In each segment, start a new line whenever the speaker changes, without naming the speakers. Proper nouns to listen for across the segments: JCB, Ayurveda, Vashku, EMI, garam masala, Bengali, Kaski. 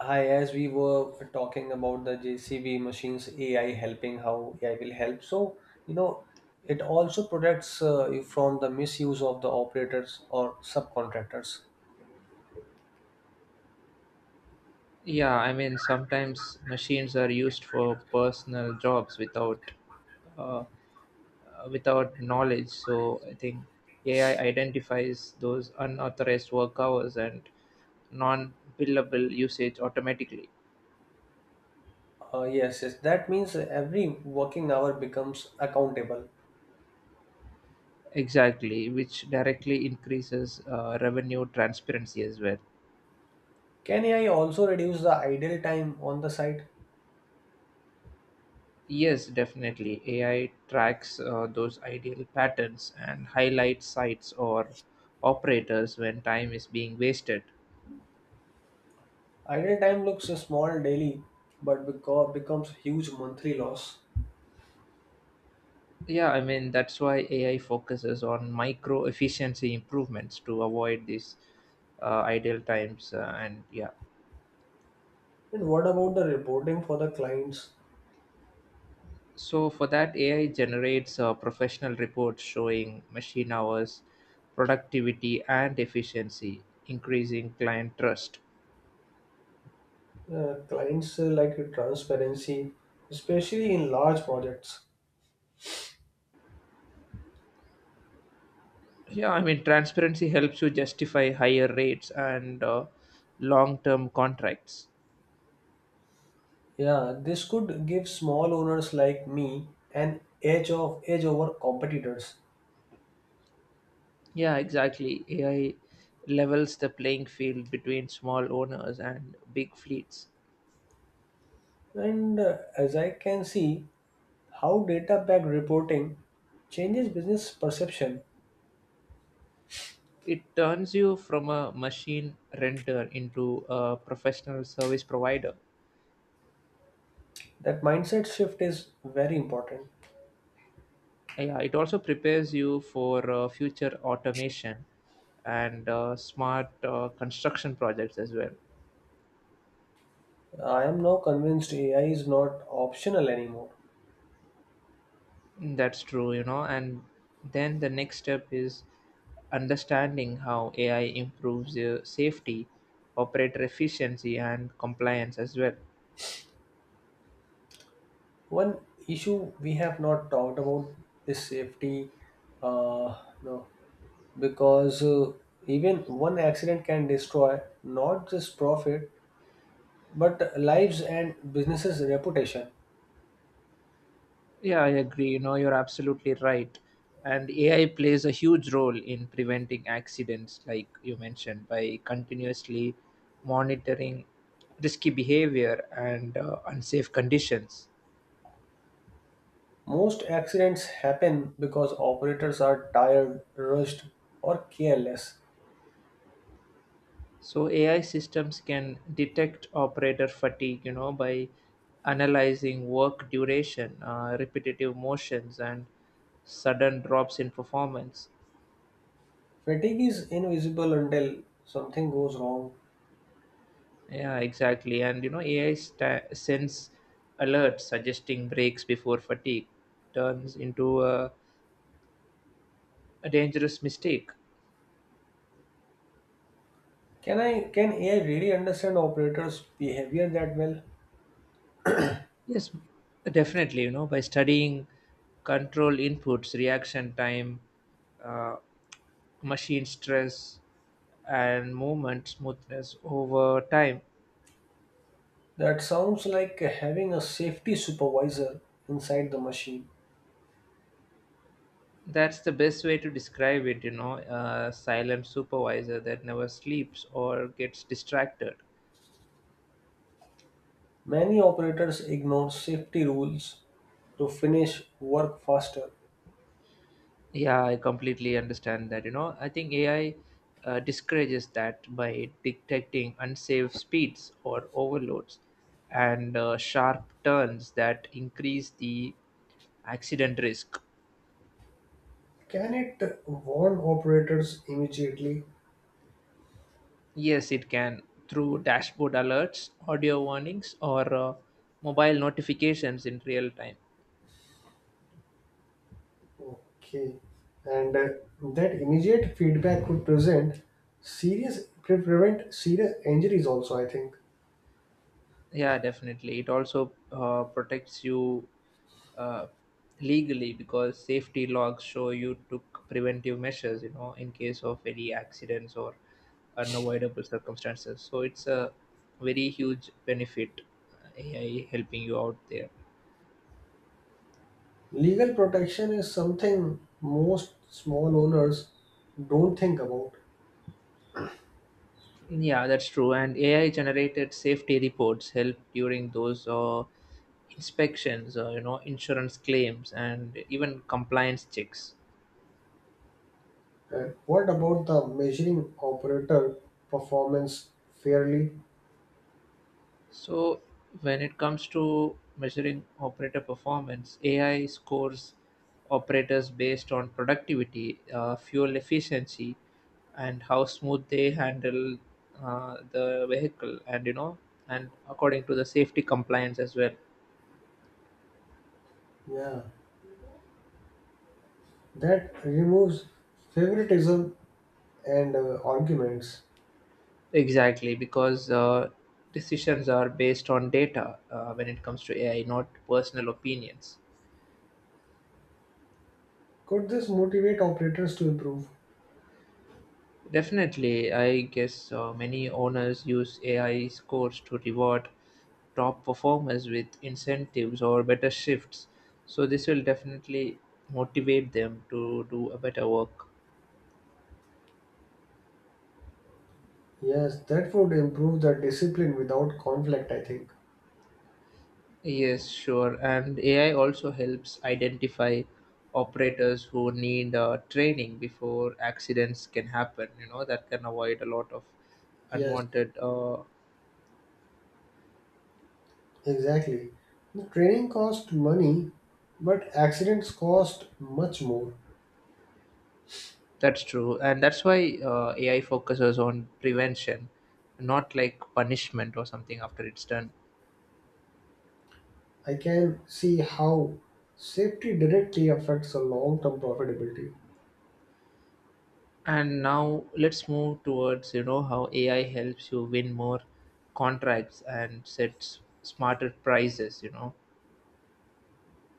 Hi, as we were talking about the JCB machines, AI helping, how AI will help. You know, it also protects you from the misuse of the operators or subcontractors.
Yeah, I mean, sometimes machines are used for personal jobs without uh, without knowledge. So I think AI identifies those unauthorized work hours and non-billable usage automatically.
Yes, yes, that means every working hour becomes accountable.
Exactly, which directly increases revenue transparency as well.
Can AI also reduce the idle time on the site?
Yes, definitely. AI tracks those ideal patterns and highlights sites or operators when time is being wasted.
Idle time looks small daily, but becomes huge monthly loss.
Yeah, I mean, that's why AI focuses on micro efficiency improvements to avoid these idle times. And yeah,
And what about the reporting for the clients?
so for that, AI generates professional reports showing machine hours, productivity, and efficiency, increasing client trust.
Clients like transparency, especially in large projects.
Yeah, I mean, transparency helps you justify higher rates and long term contracts.
Yeah, this could give small owners like me an edge over competitors.
Yeah, exactly. AI levels the playing field between small owners and big fleets.
And as I can see, how data backed reporting changes business perception.
It turns you from a machine renter into a professional service provider.
That mindset shift is very important.
Yeah, it also prepares you for future automation and smart construction projects as well.
I am now convinced AI is not optional anymore.
That's true, you know. And then the next step is understanding how AI improves safety, operator efficiency, and compliance as well.
One issue we have not talked about is safety. Uh, no, because even one accident can destroy not just profit but lives and businesses reputation.
Yeah, I agree. You know, you're absolutely right. And AI plays a huge role in preventing accidents, like you mentioned, by continuously monitoring risky behavior and unsafe conditions.
Most accidents happen because operators are tired rushed or careless.
So, AI systems can detect operator fatigue, you know, by analyzing work duration, repetitive motions, and sudden drops in performance.
Fatigue is invisible until something goes wrong.
Yeah, exactly. And you know, sends alerts suggesting breaks before fatigue turns into a dangerous mistake.
Can ai really understand operators behavior that well?
Yes, definitely. You know, by studying control inputs, reaction time, uh, machine stress, and movement smoothness over time.
That sounds like having a safety supervisor inside the machine.
That's the best way to describe it, you know, a silent supervisor that never sleeps or gets distracted.
Many operators ignore safety rules to finish work faster.
Yeah, I completely understand that. You know, I think AI discourages that by detecting unsafe speeds or overloads and sharp turns that increase the accident risk.
Can it warn operators immediately?
Yes, it can, through dashboard alerts, audio warnings, or mobile notifications in real time.
Okay. And that immediate feedback could present prevent serious injuries also, I think.
Yeah, definitely. It also protects you uh, legally because safety logs show you took preventive measures, you know, in case of any accidents or unavoidable circumstances. So it's a very huge benefit, AI helping you out there.
Legal protection is something most small owners don't think about.
Yeah, that's true. And AI generated safety reports help during those inspections, you know, insurance claims, and even compliance checks.
And what about the measuring operator performance fairly?
So when it comes to measuring operator performance, AI scores operators based on productivity, fuel efficiency, and how smooth they handle the vehicle, and you know, and according to the safety compliance as well.
Yeah, that removes favoritism and arguments.
Exactly, because decisions are based on data when it comes to AI, not personal opinions.
Could this motivate operators to improve?
Definitely, I guess many owners use AI scores to reward top performers with incentives or better shifts. So, this will definitely motivate them to do a better work.
Yes, that would improve the discipline without conflict, I think.
Yes, sure. And AI also helps identify operators who need training before accidents can happen. You know, that can avoid a lot of
Yes,
unwanted
exactly. The training cost money, but accidents cost much more.
That's true, and that's why AI focuses on prevention, not like punishment or something after it's done.
I can see how safety directly affects the long term profitability.
And now let's move towards, you know, how AI helps you win more contracts and sets smarter prices. You know,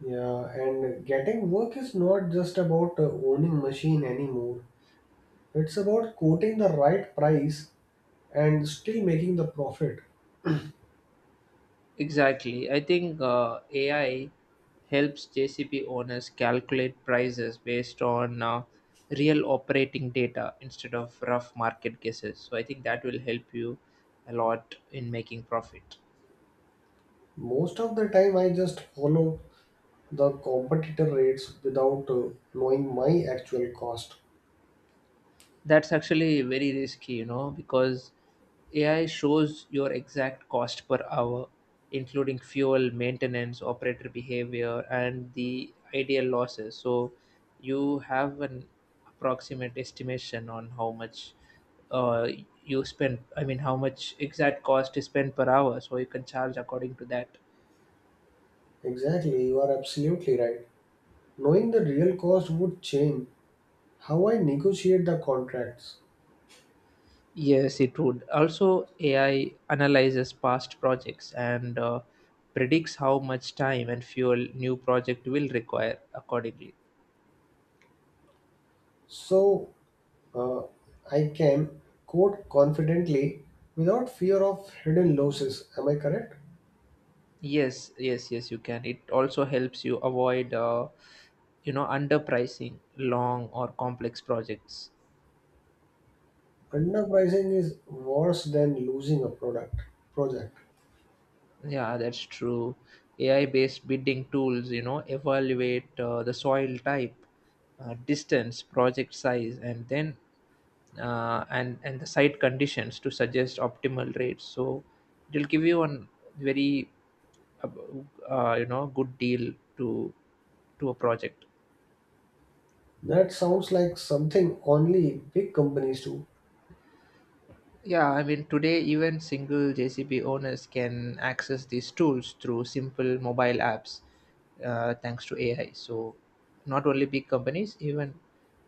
Yeah, and getting work is not just about owning machine anymore. It's about quoting the right price and still making the profit.
exactly. I think AI helps JCP owners calculate prices based on real operating data instead of rough market guesses. So I think that will help you a lot in making profit.
Most of the time, I just follow the competitor rates without knowing my actual cost.
That's actually very risky, you know, because AI shows your exact cost per hour, including fuel, maintenance, operator behavior, and the ideal losses. So you have an approximate estimation on how much uh, you spend, I mean, how much exact cost is spent per hour. So you can charge according to that.
Exactly, you are absolutely right. Knowing the real cost would change how I negotiate the contracts.
Yes, it would. Also, AI analyzes past projects and predicts how much time and fuel new project will require accordingly.
So uh, I can quote confidently without fear of hidden losses. Am I correct?
Yes, yes, yes, you can. It also helps you avoid, you know, underpricing long or complex projects.
Underpricing is worse than losing a product project.
Yeah, that's true. AI-based bidding tools, you know, evaluate the soil type, distance, project size, and then and the site conditions to suggest optimal rates, so it'll give you a very uh, you know, good deal to a project.
That sounds like something only big companies do.
Yeah, I mean, today even single JCB owners can access these tools through simple mobile apps, thanks to AI. So not only big companies, even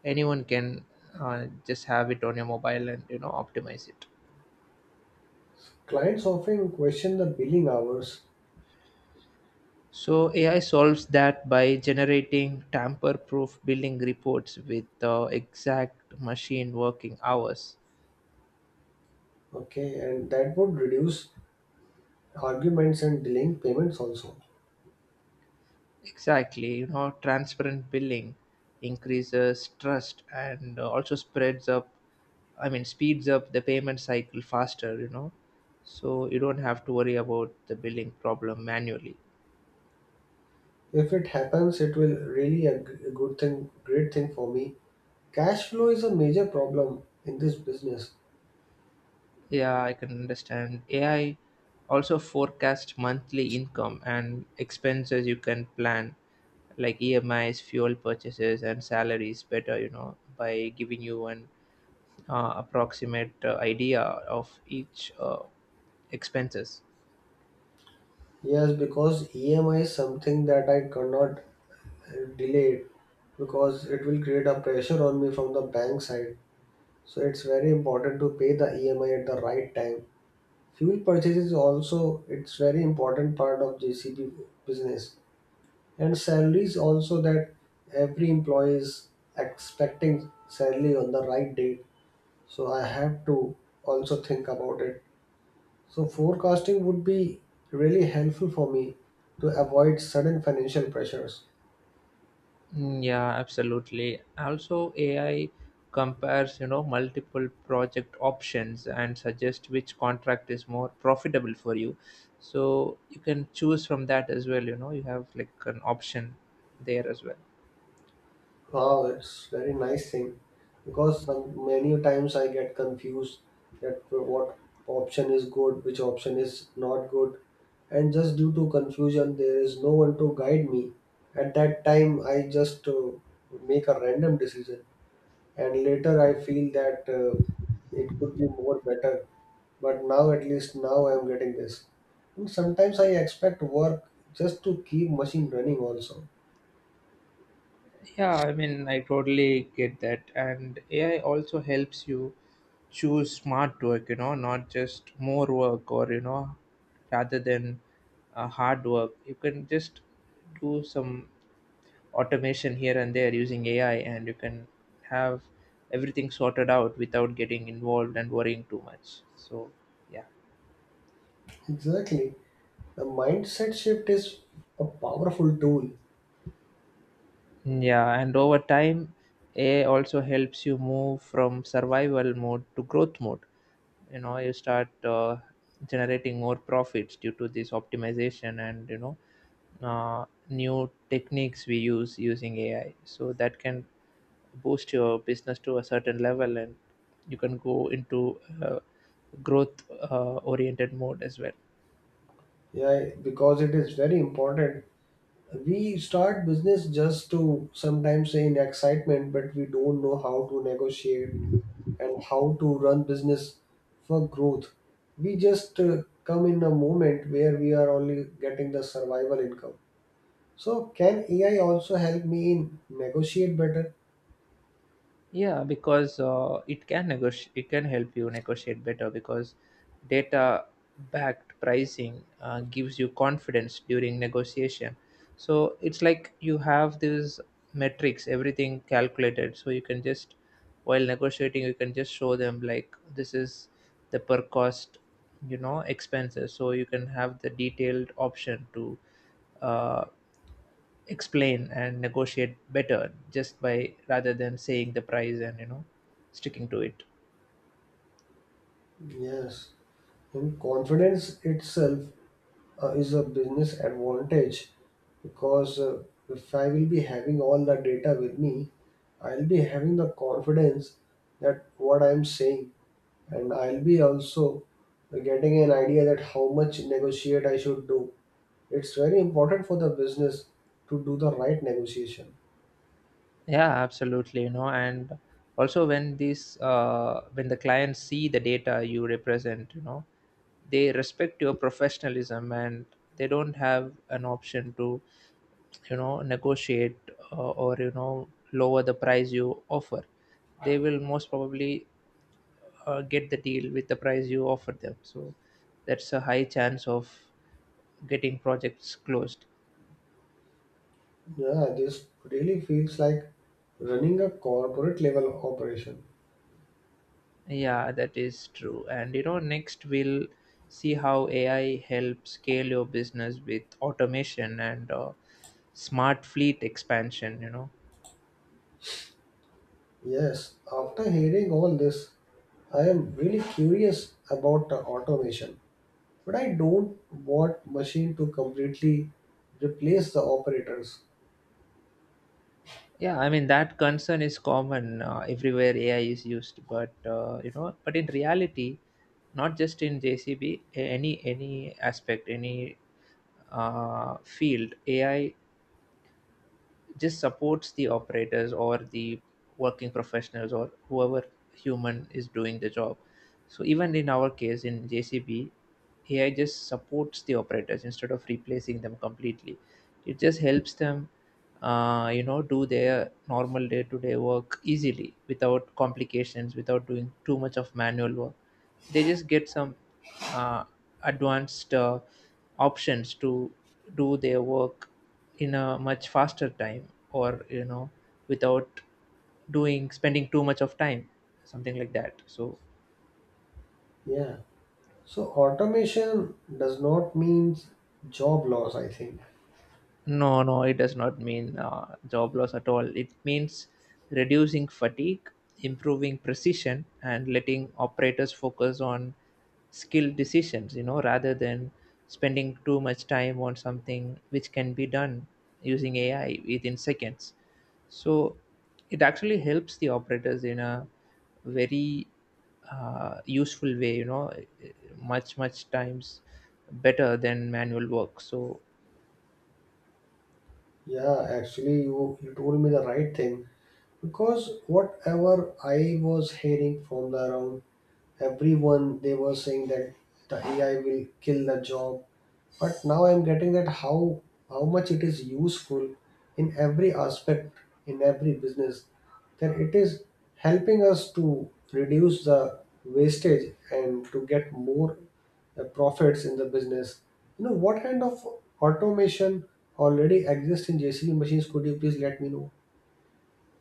anyone can just have it on your mobile and, you know, optimize it.
Clients often question the billing hours,
So AI solves that by generating tamper-proof billing reports with exact machine working hours.
okay, and that would reduce arguments and delaying payments also.
Exactly, you know, transparent billing increases trust and also spreads up. I mean, speeds up the payment cycle faster. You know, so you don't have to worry about the billing problem manually.
If it happens, it will really a good thing, great thing for me. Cash flow is a major problem in this business.
Yeah, I can understand. AI also forecast monthly income and expenses you can plan like EMIs, fuel purchases, and salaries better, you know, by giving you an approximate idea of each expenses.
Yes, because EMI is something that I cannot delay it because it will create a pressure on me from the bank side. So it's very important to pay the EMI at the right time. Fuel purchase is also it's very important part of JCB business and salaries also that every employee is expecting salary on the right date. So I have to also think about it. So, forecasting would be really helpful for me to avoid sudden financial pressures.
Mm, yeah, absolutely. Also, AI compares, you know, multiple project options and suggest which contract is more profitable for you. So you can choose from that as well, you know, you have like an option there as well.
Wow, that's very nice thing because some, many times I get confused that what option is good, which option is not good, and just due to confusion, there is no one to guide me. At that time, I just make a random decision, and later I feel that it could be more better but now at least now I'm getting this. And sometimes I expect work just to keep machine running also.
Yeah, I mean, I totally get that. And AI also helps you choose smart work, you know, not just more work, or, you know, rather than hard work. You can just do some automation here and there using AI, and you can have everything sorted out without getting involved and worrying too much. So, yeah.
Exactly. The mindset shift is a powerful tool.
Yeah, and over time, AI also helps you move from survival mode to growth mode. You know, you start generating more profits due to this optimization, and you know, new techniques we use using AI. So that can boost your business to a certain level, and you can go into growth oriented mode as well.
Yeah, because it is very important. We start business just to sometimes say in excitement, but we don't know how to negotiate and how to run business for growth. We just come in a moment where we are only getting the survival income. So can AI also help me in negotiate better?
Yeah, because it can negotiate, it can help you negotiate better because data backed pricing gives you confidence during negotiation. So it's like you have these metrics, everything calculated. So you can just, while negotiating, you can just show them, like, this is the per cost, you know, expenses. So you can have the detailed option to uh, explain and negotiate better, just by rather than saying the price and, you know, sticking to it.
Yes. And confidence itself is a business advantage because if I will be having all the data with me, I'll be having the confidence that what I'm saying, and I'll be also getting an idea that how much negotiate I should do. It's very important for the business to do the right negotiation.
Yeah, absolutely, you know. And also, when these when the clients see the data you represent, you know, they respect your professionalism, and they don't have an option to, you know, negotiate or, you know, lower the price you offer. They will most probably get the deal with the price you offer them. So that's a high chance of getting projects closed.
Yeah, this really feels like running a corporate level operation.
Yeah, that is true. And you know, next we'll see how AI helps scale your business with automation and smart fleet expansion, you know.
Yes, after hearing all this, I am really curious about the automation, but I don't want machine to completely replace the operators.
Yeah, I mean, that concern is common everywhere AI is used, but you know, but in reality, not just in JCB, any aspect, any field, AI just supports the operators, or the working professionals, or whoever human is doing the job. So even in our case in JCB, AI just supports the operators instead of replacing them completely. It just helps them you know, do their normal day-to-day work easily without complications, without doing too much of manual work. They just get some uh, advanced options to do their work in a much faster time, or you know, without doing spending too much of time, something like that. So,
Yeah. So automation does not mean job loss, I think.
no, no, it does not mean job loss at all. It means reducing fatigue, improving precision, and letting operators focus on skilled decisions, you know, rather than spending too much time on something which can be done using AI within seconds. So it actually helps the operators in a very useful way, you know, much, much times better than manual work. So,
Yeah, actually you told me the right thing because whatever I was hearing from the around everyone they were saying that the AI will kill the job. But now I'm getting that how much it is useful in every aspect in every business that it is helping us to reduce the wastage and to get more profits in the business. You know what kind of automation already exists in JCB machines? Could you please let me know?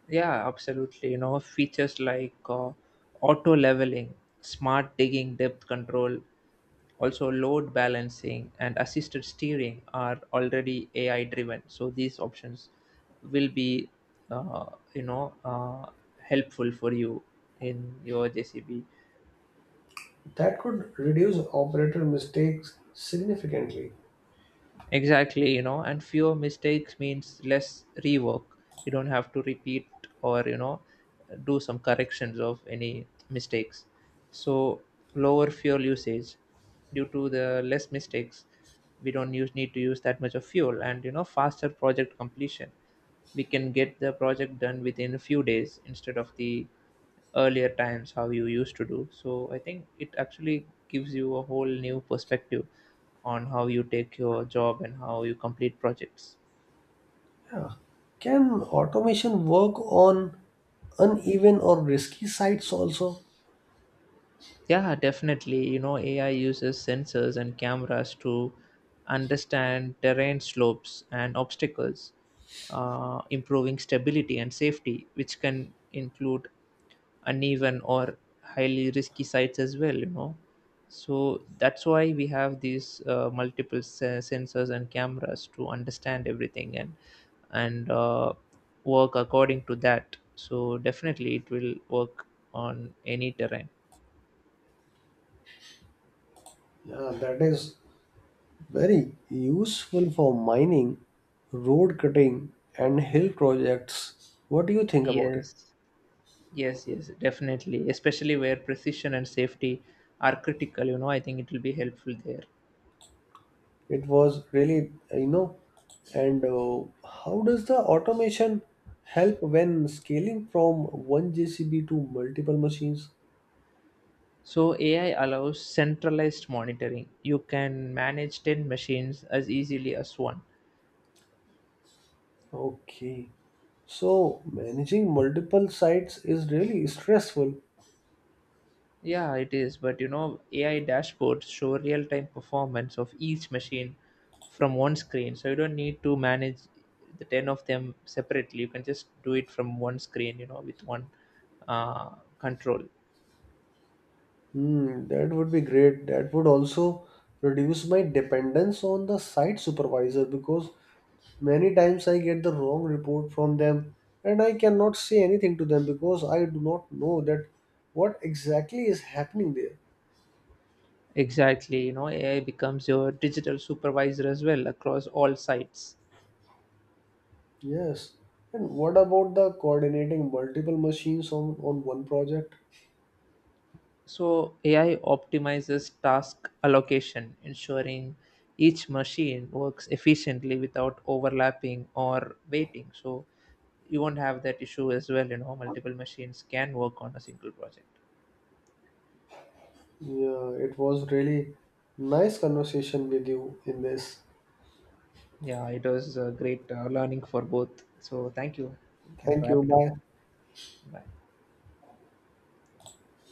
yeah, absolutely. You know, features like auto leveling, smart digging depth control, also load balancing, and assisted steering are already AI driven. So these options will be, uh, you know, helpful for you in your JCB.
That could reduce operator mistakes significantly.
Exactly, you know, and fewer mistakes means less rework. You don't have to repeat, or, you know, do some corrections of any mistakes. So, lower fuel usage due to the less mistakes, we don't use need to use that much of fuel, and, you know, faster project completion. We can get the project done within a few days instead of the earlier times how you used to do. So, I think it actually gives you a whole new perspective on how you take your job and how you complete projects.
Yeah. Can automation work on uneven or risky sites also?
Yeah, definitely. You know, AI uses sensors and cameras to understand terrain slopes and obstacles, improving stability and safety, which can include uneven or highly risky sites as well, you know. So that's why we have these multiple sensors and cameras to understand everything and and uh, work according to that. So definitely it will work on any terrain.
Yeah, that is very useful for mining, road cutting, and hill projects. What do you think about it?
Yes, yes definitely, especially where precision and safety are critical, you know. I think it will be helpful there.
It was really, you know, and how does the automation help when scaling from one JCB to multiple machines?
So AI allows centralized monitoring. You can manage 10 machines as easily as one.
Okay. So managing multiple sites is really stressful.
Yeah, it is. But you know, AI dashboards show real time performance of each machine from one screen. So you don't need to manage the 10 of them separately. You can just do it from one screen, you know, with one uh, control.
Hmm, that would be great. That would also reduce my dependence on the site supervisor because many times I get the wrong report from them and I cannot say anything to them because I do not know that what exactly is happening there.
Exactly. You know, AI becomes your digital supervisor as well across all sites.
Yes. And what about the coordinating on one project?
So AI optimizes task allocation, ensuring each machine works efficiently without overlapping or waiting. So you won't have that issue as well. You know, multiple machines can work on a single project.
Yeah, it was really nice conversation with you in this.
Yeah, it was a great learning for both. So thank you. You can
Thank you.
wrap it up.
Bye.
Bye.